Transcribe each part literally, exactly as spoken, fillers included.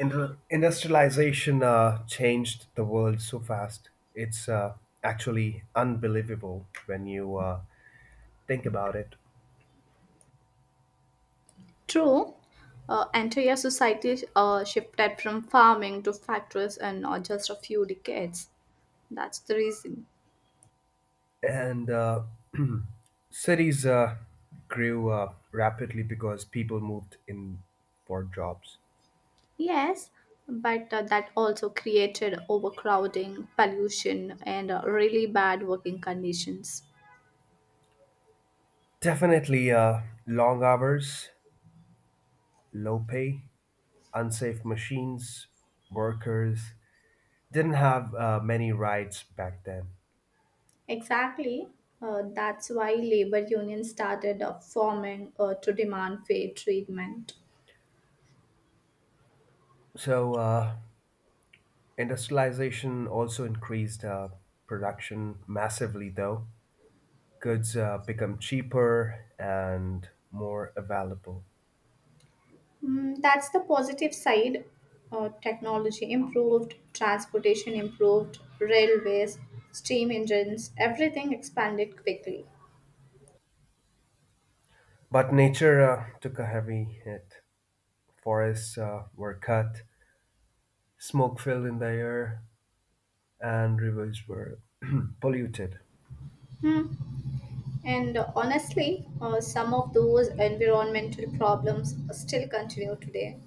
Indru- industrialization uh, changed the world so fast. It's uh, actually unbelievable when you uh, think about it. True, uh, entire society uh, shifted from farming to factories and not just a few decades. That's the reason. And uh, cities uh, grew uh, rapidly because people moved in for jobs. Yes, but uh, that also created overcrowding, pollution, and uh, really bad working conditions. Definitely, uh, long hours, low pay, unsafe machines, workers didn't have uh, many rights back then. Exactly. Uh, that's why labor unions started uh, forming uh, to demand fair treatment. So, uh, Industrialization also increased uh, production massively, though. Goods uh, become cheaper and more available. Mm, that's the positive side. Uh, technology improved, transportation improved, railways, steam engines, everything expanded quickly. But nature uh, took a heavy hit. Forests uh, were cut, smoke filled in the air, and rivers were polluted. Hmm. And uh, honestly, uh, some of those environmental problems still continue today.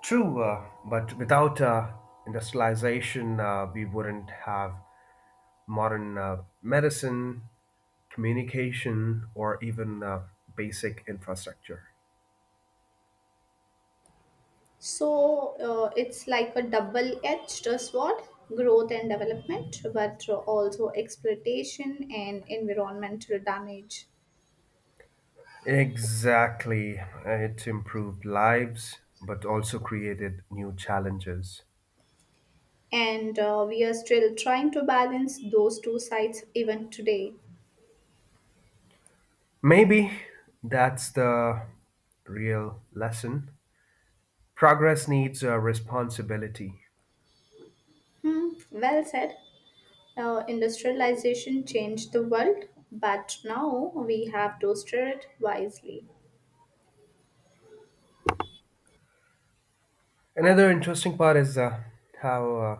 True, uh, but without uh, industrialization, uh, we wouldn't have modern uh, medicine, communication, or even uh, basic infrastructure. So uh, it's like a double edged sword, growth and development, but also exploitation and environmental damage. Exactly. It's improved lives, but also created new challenges. And uh, we are still trying to balance those two sides even today. Maybe that's the real lesson. Progress needs uh, responsibility. Hmm, well said. Uh, industrialization changed the world, but now we have to steer it wisely. Another interesting part is uh, how uh,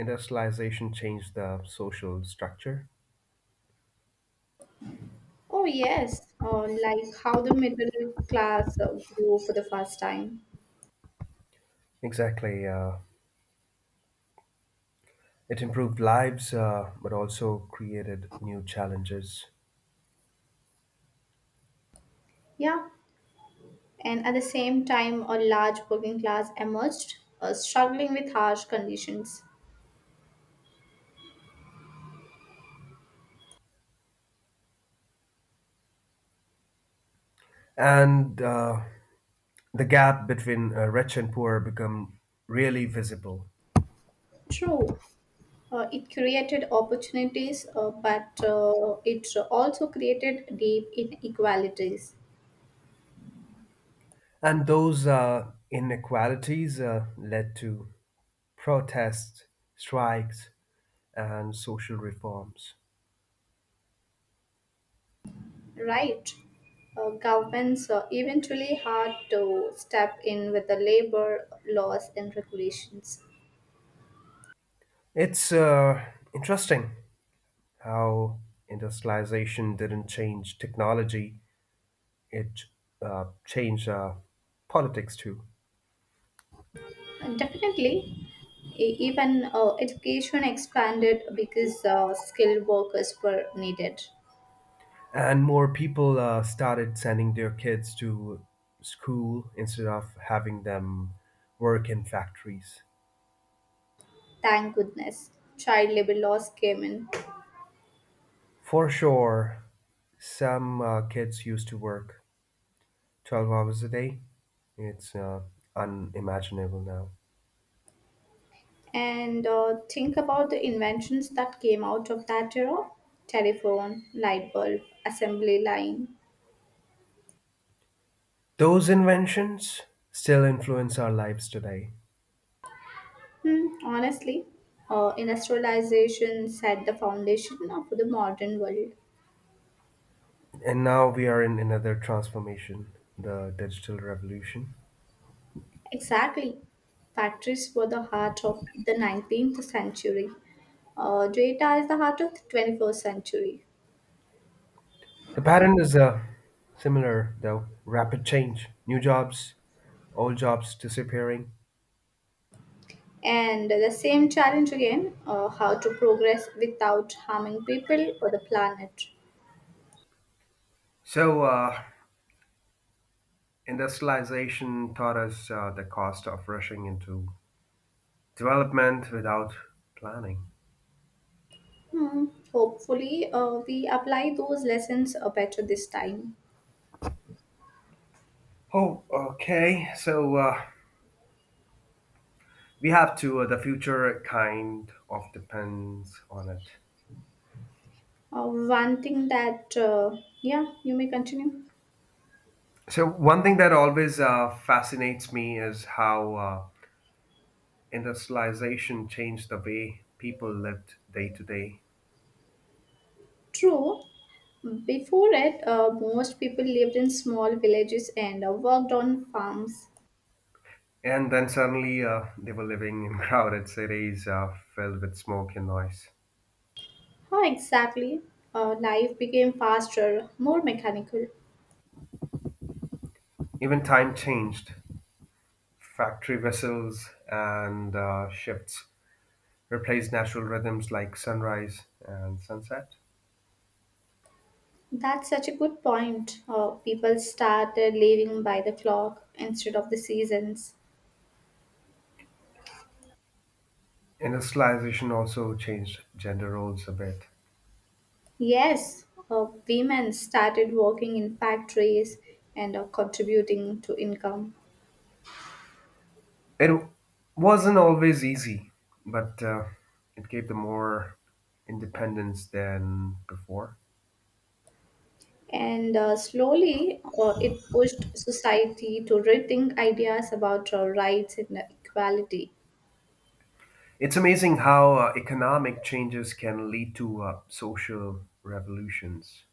industrialization changed the social structure. Oh, yes, uh, like how the middle class uh, grew for the first time. Exactly. Uh, it improved lives, uh, but also created new challenges. Yeah, and at the same time, a large working class emerged, uh, struggling with harsh conditions. And uh, the gap between uh, rich and poor become really visible. True. Uh, it created opportunities, uh, but uh, it also created deep inequalities, And those uh, inequalities uh, led to protests, strikes, and social reforms. right? Uh, governments uh, eventually had to step in with the labor laws and regulations. It's uh, interesting how industrialization didn't change technology, it uh, changed uh, politics too. And definitely, e- even uh, education expanded because uh, skilled workers were needed. And more people uh, started sending their kids to school instead of having them work in factories. Thank goodness, child labor laws came in. For sure, some uh, kids used to work twelve hours a day. It's uh, unimaginable now. And uh, think about the inventions that came out of that era, telephone, light bulb, assembly line. Those inventions still influence our lives today. Hmm, honestly, uh, industrialization set the foundation of the modern world. And now we are in another transformation, the digital revolution. Exactly. Factories were the heart of the nineteenth century. Uh, data is the heart of the twenty-first century. The pattern is uh, similar, though rapid change, new jobs, old jobs disappearing. And the same challenge again, uh, how to progress without harming people or the planet. So, uh, Industrialization taught us uh, the cost of rushing into development without planning. Hmm, hopefully, uh, we apply those lessons uh, better this time. Oh, okay. So, uh, we have to uh, the future kind of depends on it, Uh, one thing that, uh, yeah, you may continue. so one thing that always uh, fascinates me is how uh, industrialization changed the way people lived day to day, True, before it, uh, most people lived in small villages and uh, worked on farms. and then suddenly uh, they were living in crowded cities uh, filled with smoke and noise. How exactly? Uh, life became faster, more mechanical. Even time changed, factory vessels and uh, shifts replaced natural rhythms like sunrise and sunset. That's such a good point. Uh, people started living by the clock instead of the seasons. Industrialization also changed gender roles a bit. Yes, uh, women started working in factories and uh, contributing to income. It wasn't always easy, but uh, it gave them more independence than before. And uh, slowly, uh, it pushed society to rethink ideas about uh, rights and equality. It's amazing how uh, economic changes can lead to uh, social revolutions.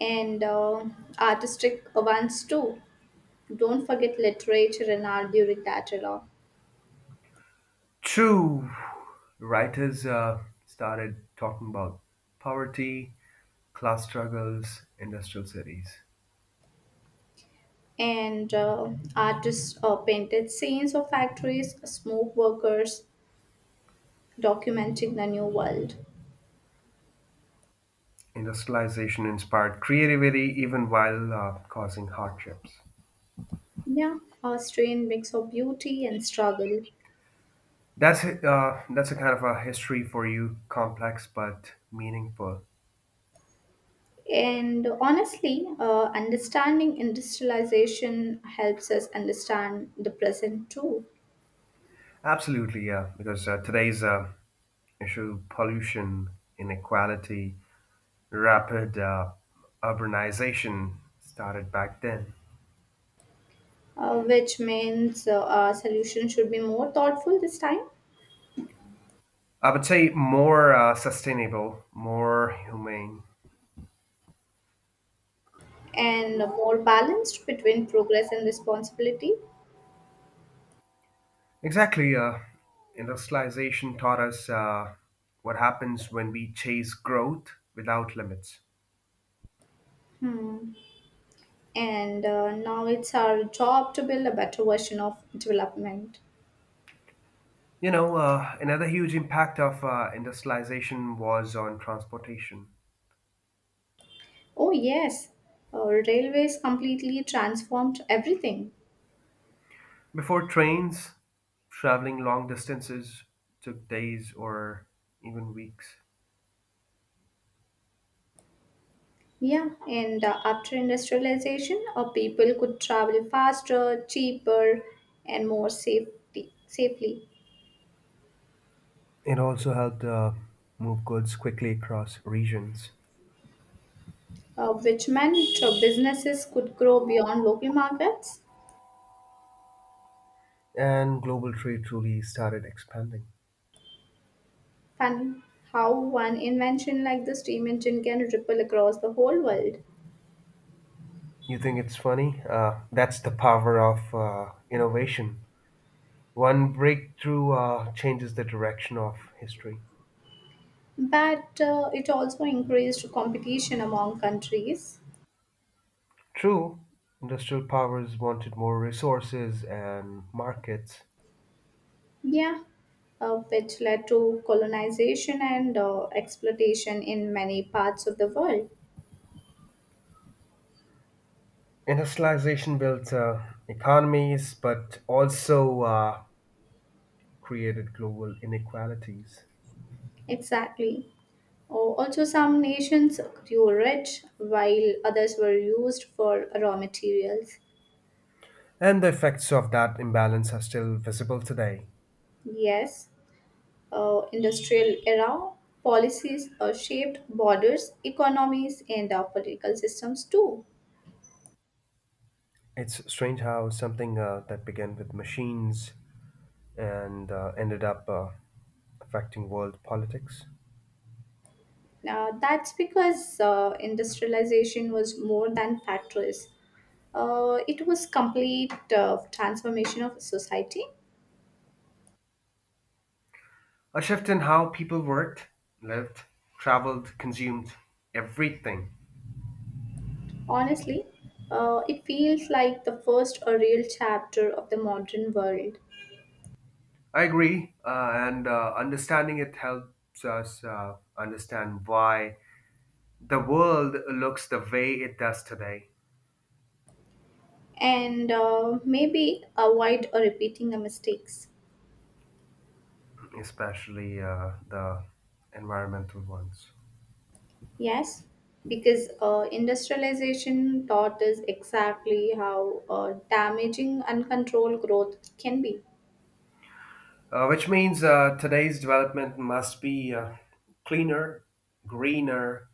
And uh, artistic ones too. Don't forget literature and art during that era. True, writers uh, started talking about poverty, class struggles, industrial cities. And uh, artists uh, painted scenes of factories, smoke workers, documenting the new world. Industrialization inspired creativity even while uh, causing hardships. Yeah, a strange mix of beauty and struggle. That's a- uh, that's a kind of a history for you, complex but meaningful. And honestly, uh, understanding industrialization helps us understand the present too. Absolutely, yeah. Because uh, today's uh, issue: pollution, inequality, rapid uh, urbanization started back then. Uh, which means uh, our solution should be more thoughtful this time, I would say more uh, sustainable, more humane. and more balanced between progress and responsibility. Exactly, uh, industrialization taught us uh, what happens when we chase growth without limits. Hmm. And uh, now it's our job to build a better version of development. You know, uh, another huge impact of uh, industrialization was on transportation. Oh, yes, uh, railways completely transformed everything. Before trains, traveling long distances took days or even weeks. Yeah, and uh, after industrialization, uh, people could travel faster, cheaper, and more safety, safely, It also helped uh, move goods quickly across regions, uh, which meant uh, businesses could grow beyond local markets. and global trade truly started expanding. Fun how one invention like the steam engine can ripple across the whole world. You think it's funny? Uh, that's the power of uh, innovation. One breakthrough uh, changes the direction of history. But uh, it also increased competition among countries. True, industrial powers wanted more resources and markets. Yeah, uh, which led to colonization and uh, exploitation in many parts of the world. Industrialization built uh, economies but also uh, created global inequalities. Exactly. Oh, also, some nations grew rich while others were used for raw materials. And the effects of that imbalance are still visible today. Yes, uh, industrial era policies uh, shaped borders, economies, and uh, political systems too. It's strange how something uh, that began with machines and uh, ended up uh, affecting world politics. Uh, that's because uh, industrialization was more than factories. Uh, it was complete uh, transformation of society. A shift in how people worked, lived, traveled, consumed everything. Honestly, uh, it feels like the first uh, real chapter of the modern world. I agree, uh, and uh, understanding it helps us uh, understand why the world looks the way it does today, And uh, maybe avoid uh, repeating the mistakes. especially uh, the environmental ones. Yes, because uh, industrialization taught us exactly how uh, damaging uncontrolled growth can be, Uh, which means uh, today's development must be uh, cleaner, greener,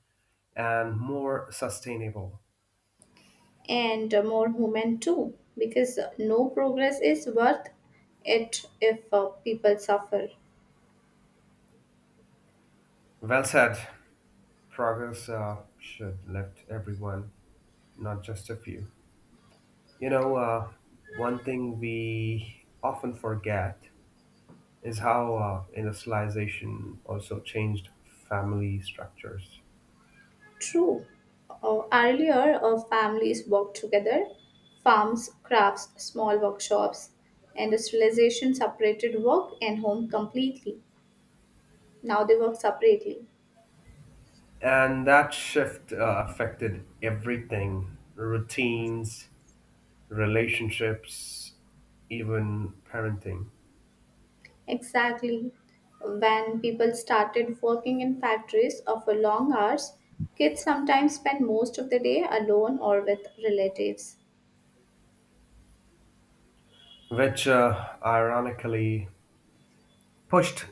and more sustainable. and uh, more human too, because uh, no progress is worth it if uh, people suffer. Well said. Progress uh, should lift everyone, not just a few. You know, uh, one thing we often forget is how uh, industrialization also changed family structures. True. Uh, earlier, uh, families worked together, farms, crafts, small workshops. Industrialization separated work and home completely. Now they work separately. And that shift uh, affected everything: routines, relationships, even parenting, Exactly. When people started working in factories or for long hours, kids sometimes spend most of the day alone or with relatives. which uh, ironically pushed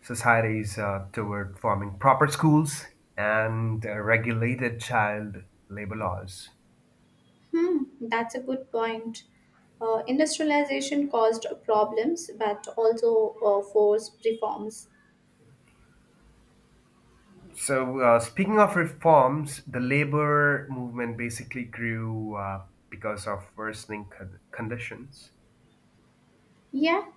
societies uh, toward forming proper schools and uh, regulated child labor laws. Hmm, that's a good point. Uh, industrialization caused problems but also uh, forced reforms. So, uh, speaking of reforms, the labor movement basically grew uh, because of worsening con- conditions. Yeah,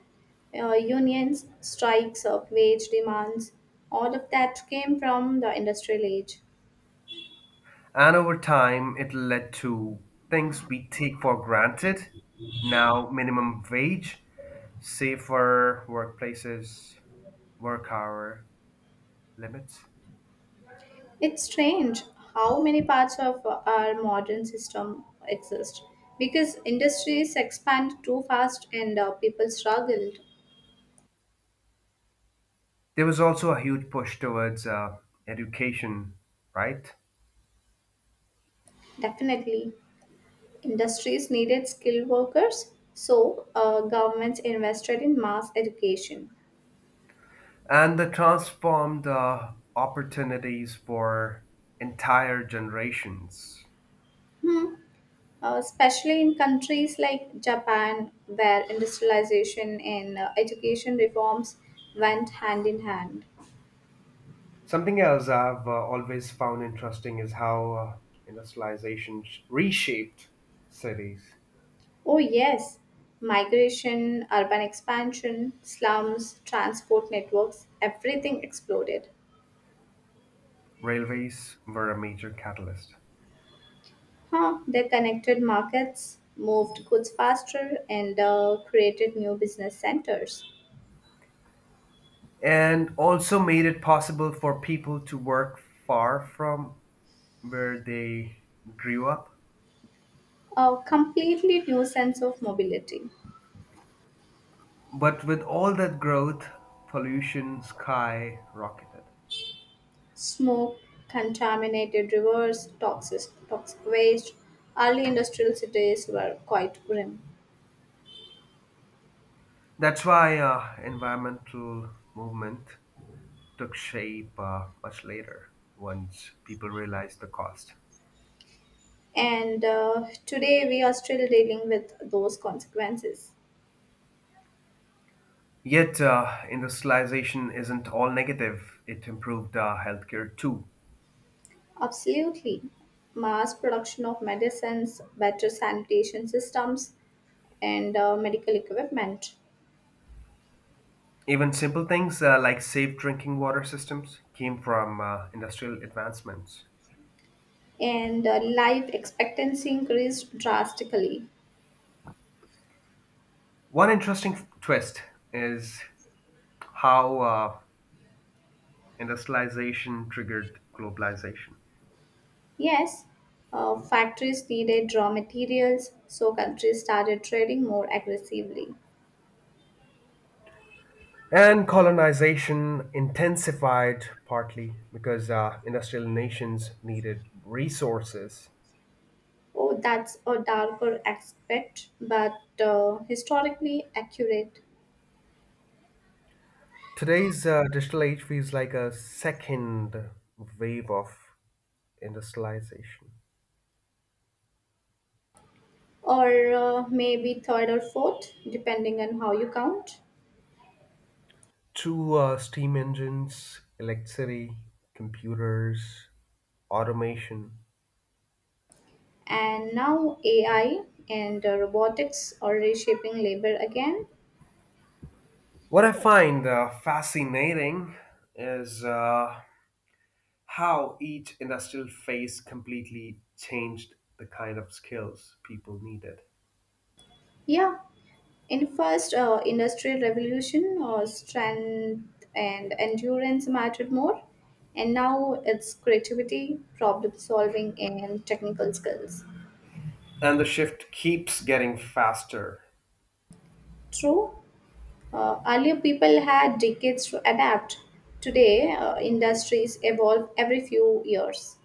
uh, unions, strikes, uh, wage demands, all of that came from the industrial age. And over time, it led to things we take for granted now: minimum wage, safer workplaces, work hour limits. It's strange how many parts of our modern system exist because industries expand too fast and uh, people struggled. There was also a huge push towards uh, education, right? Definitely, industries needed skilled workers, so uh, governments invested in mass education. And the transformed uh, opportunities for entire generations. Hmm. Uh, especially in countries like Japan, where industrialization and uh, education reforms went hand in hand. Something else I've uh, always found interesting is how uh, industrialization sh- reshaped cities. Oh, yes, migration, urban expansion, slums, transport networks, everything exploded. Railways were a major catalyst, Huh, they connected markets, moved goods faster, and uh, created new business centers. and also made it possible for people to work far from where they grew up. A completely new sense of mobility. But with all that growth, pollution skyrocketed. Smoke, contaminated rivers, toxic, toxic waste, early industrial cities were quite grim. That's why uh, environmental movement took shape uh, much later once people realized the cost. And uh, today we are still dealing with those consequences. Yet, uh, industrialization isn't all negative. It improved uh, healthcare too. Absolutely. Mass production of medicines, better sanitation systems, and uh, medical equipment. Even simple things uh, like safe drinking water systems came from uh, industrial advancements. And uh, life expectancy increased drastically. One interesting f- twist is how uh, industrialization triggered globalization. Yes, uh, factories needed raw materials, so countries started trading more aggressively. And colonization intensified partly because uh, industrial nations needed resources. Oh, that's a darker aspect, but uh, historically accurate. Today's uh, digital age feels like a second wave of industrialization. Or uh, maybe third or fourth, depending on how you count. Through uh, steam engines, electricity, computers, automation. And now A I and uh, robotics are reshaping labor again. What I find uh, fascinating is uh, how each industrial phase completely changed the kind of skills people needed. Yeah, in first uh, industrial revolution, uh, strength and endurance mattered more, and now it's creativity, problem solving, and technical skills. And the shift keeps getting faster. True, uh, earlier people had decades to adapt. Today, uh, industries evolve every few years.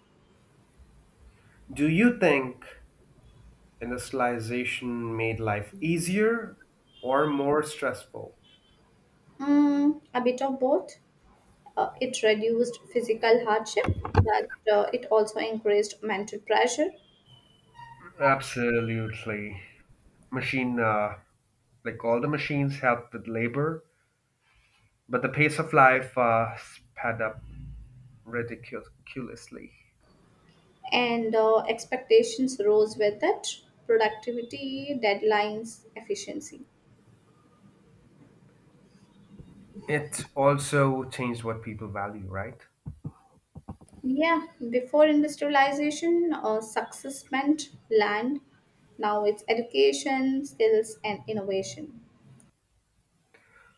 Do you think industrialization made life easier or more stressful? Mm, a bit of both. Uh, it reduced physical hardship, but uh, it also increased mental pressure, Absolutely. Machine, uh, like all the machines help with labor, but the pace of life uh, sped up ridiculously. and uh, expectations rose with it. Productivity, deadlines, efficiency. It also changed what people value, right? Yeah, before industrialization, uh, success meant land. Now it's education, skills, and innovation.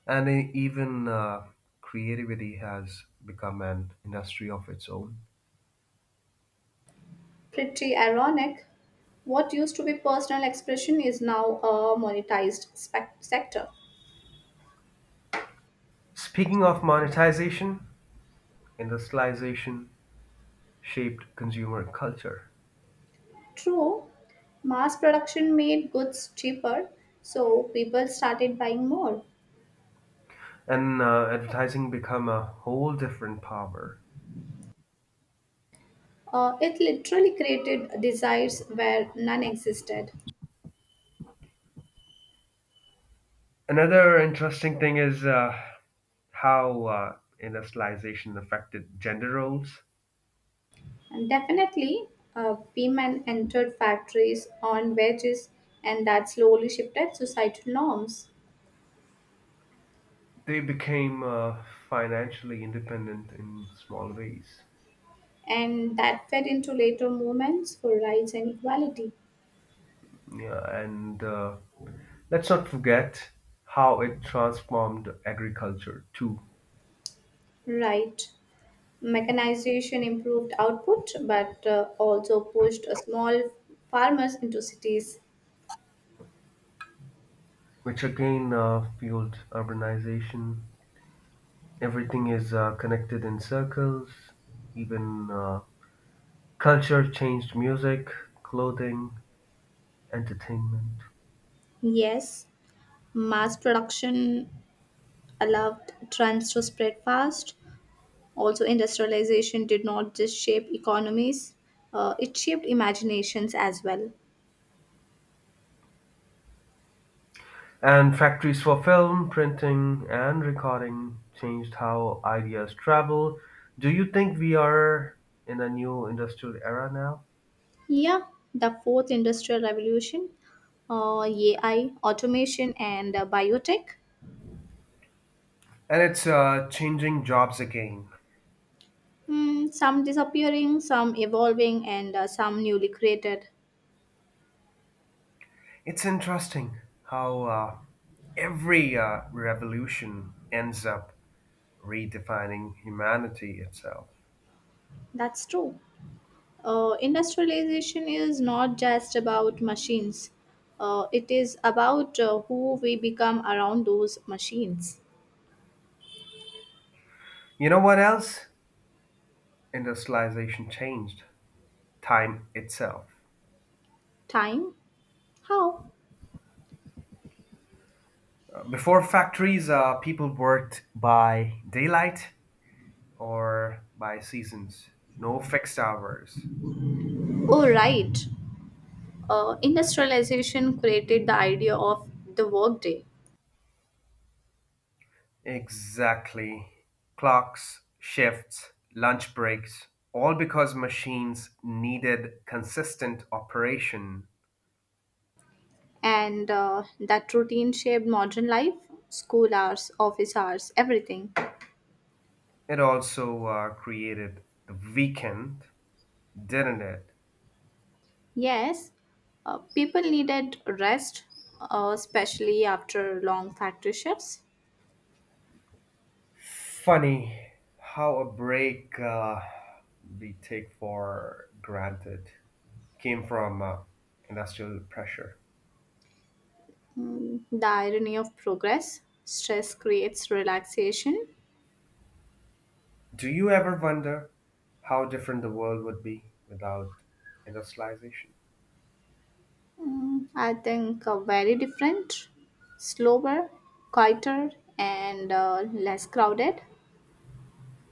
And e- even uh, creativity has become an industry of its own. Pretty ironic. What used to be personal expression is now a monetized spec- sector. Speaking of monetization, industrialization shaped consumer culture, True, mass production made goods cheaper, so people started buying more. and uh, advertising become a whole different power. Uh, it literally created desires where none existed. Another interesting thing is uh, how uh, industrialization affected gender roles. And definitely, uh, women entered factories on wages, and that slowly shifted societal norms. They became uh, financially independent in small ways. And that fed into later movements for rights and equality. Yeah, and uh, let's not forget how it transformed agriculture too, Right. Mechanization improved output, but uh, also pushed uh, small farmers into cities. which again uh, fueled urbanization. Everything is uh, connected in circles. Even uh, culture changed: music, clothing, entertainment. Yes, mass production allowed trends to spread fast. Also, industrialization did not just shape economies, uh, it shaped imaginations as well. And factories for film, printing, and recording changed how ideas travel. Do you think we are in a new industrial era now? Yeah, the fourth industrial revolution, uh, A I, automation, and uh, biotech. And it's uh, changing jobs again. Hmm, some disappearing, some evolving, and uh, some newly created. It's interesting how uh, every uh, revolution ends up redefining humanity itself. That's true. Uh, industrialization is not just about machines. Uh, it is about uh, who we become around those machines. You know what else? Industrialization changed time itself. Time? How? Uh, Before factories, uh, people worked by daylight or by seasons. No fixed hours. Oh, right. Uh, industrialization created the idea of the workday, Exactly. Clocks, shifts, lunch breaks, all because machines needed consistent operation. and uh, that routine shaped modern life, school hours, office hours, everything. It also uh, created the weekend, didn't it? Yes, uh, people needed rest, uh, especially after long factory shifts. Funny how a break uh, we take for granted came from uh, industrial pressure. Mm, the irony of progress, stress creates relaxation. Do you ever wonder how different the world would be without industrialization? Mm, I think uh, very different, slower, quieter, and uh, less crowded.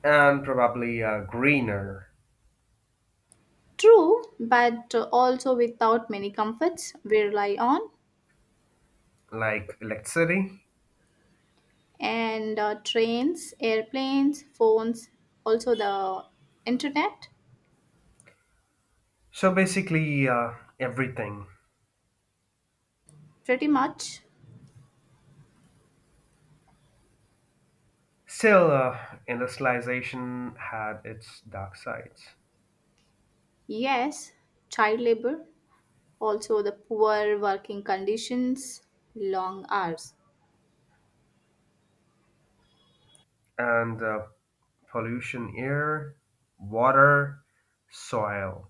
And probably uh, greener, True, but uh, also without many comforts we rely on, like electricity. and uh, trains, airplanes, phones, also the internet. So basically, uh, everything. Pretty much. Still, uh, industrialization had its dark sides. Yes, child labor, also the poor working conditions, long hours. And uh, pollution, air, water, soil.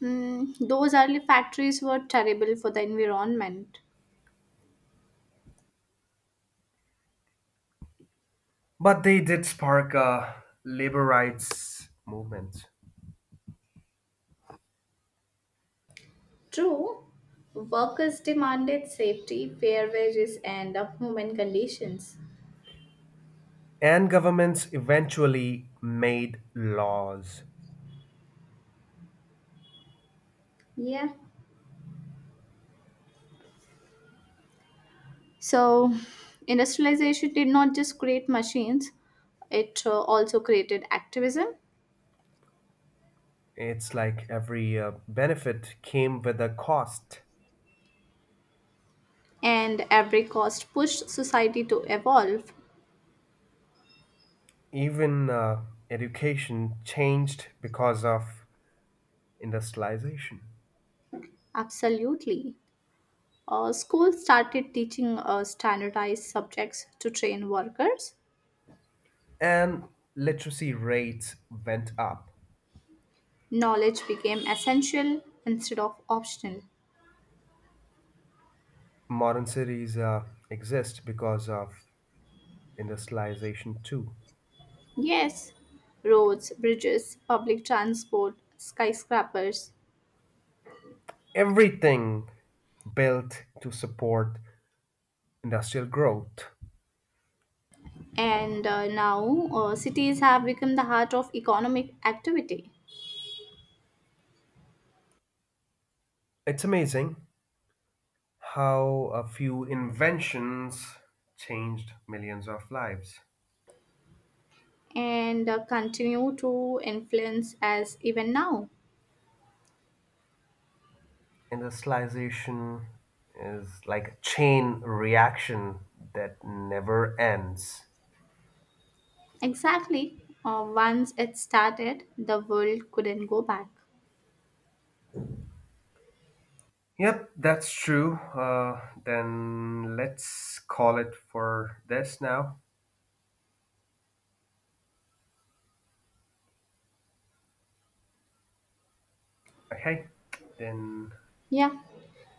Hmm. Those early factories were terrible for the environment. But they did spark a labor rights movement. True, workers demanded safety, fair wages, and uh, human conditions. And governments eventually made laws. Yeah. So, industrialization did not just create machines, it uh, also created activism, It's like every uh, benefit came with a cost. and every cost pushed society to evolve. Even uh, education changed because of industrialization, Absolutely. Uh, schools started teaching uh, standardized subjects to train workers. and literacy rates went up. Knowledge became essential instead of optional. Modern cities uh, exist because of industrialization, too. Yes, roads, bridges, public transport, skyscrapers, Everything built to support industrial growth. and uh, now uh, cities have become the heart of economic activity, It's amazing how a few inventions changed millions of lives. and uh, continue to influence us even now. Industrialization is like a chain reaction that never ends. Exactly. Uh, once it started, the world couldn't go back. Yep, that's true. Uh, then let's call it for this now. Okay, then. Yeah.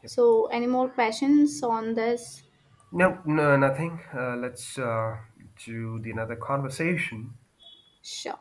Yep. So, any more questions on this? No, no, nothing. Uh, let's uh, do the another conversation. Sure.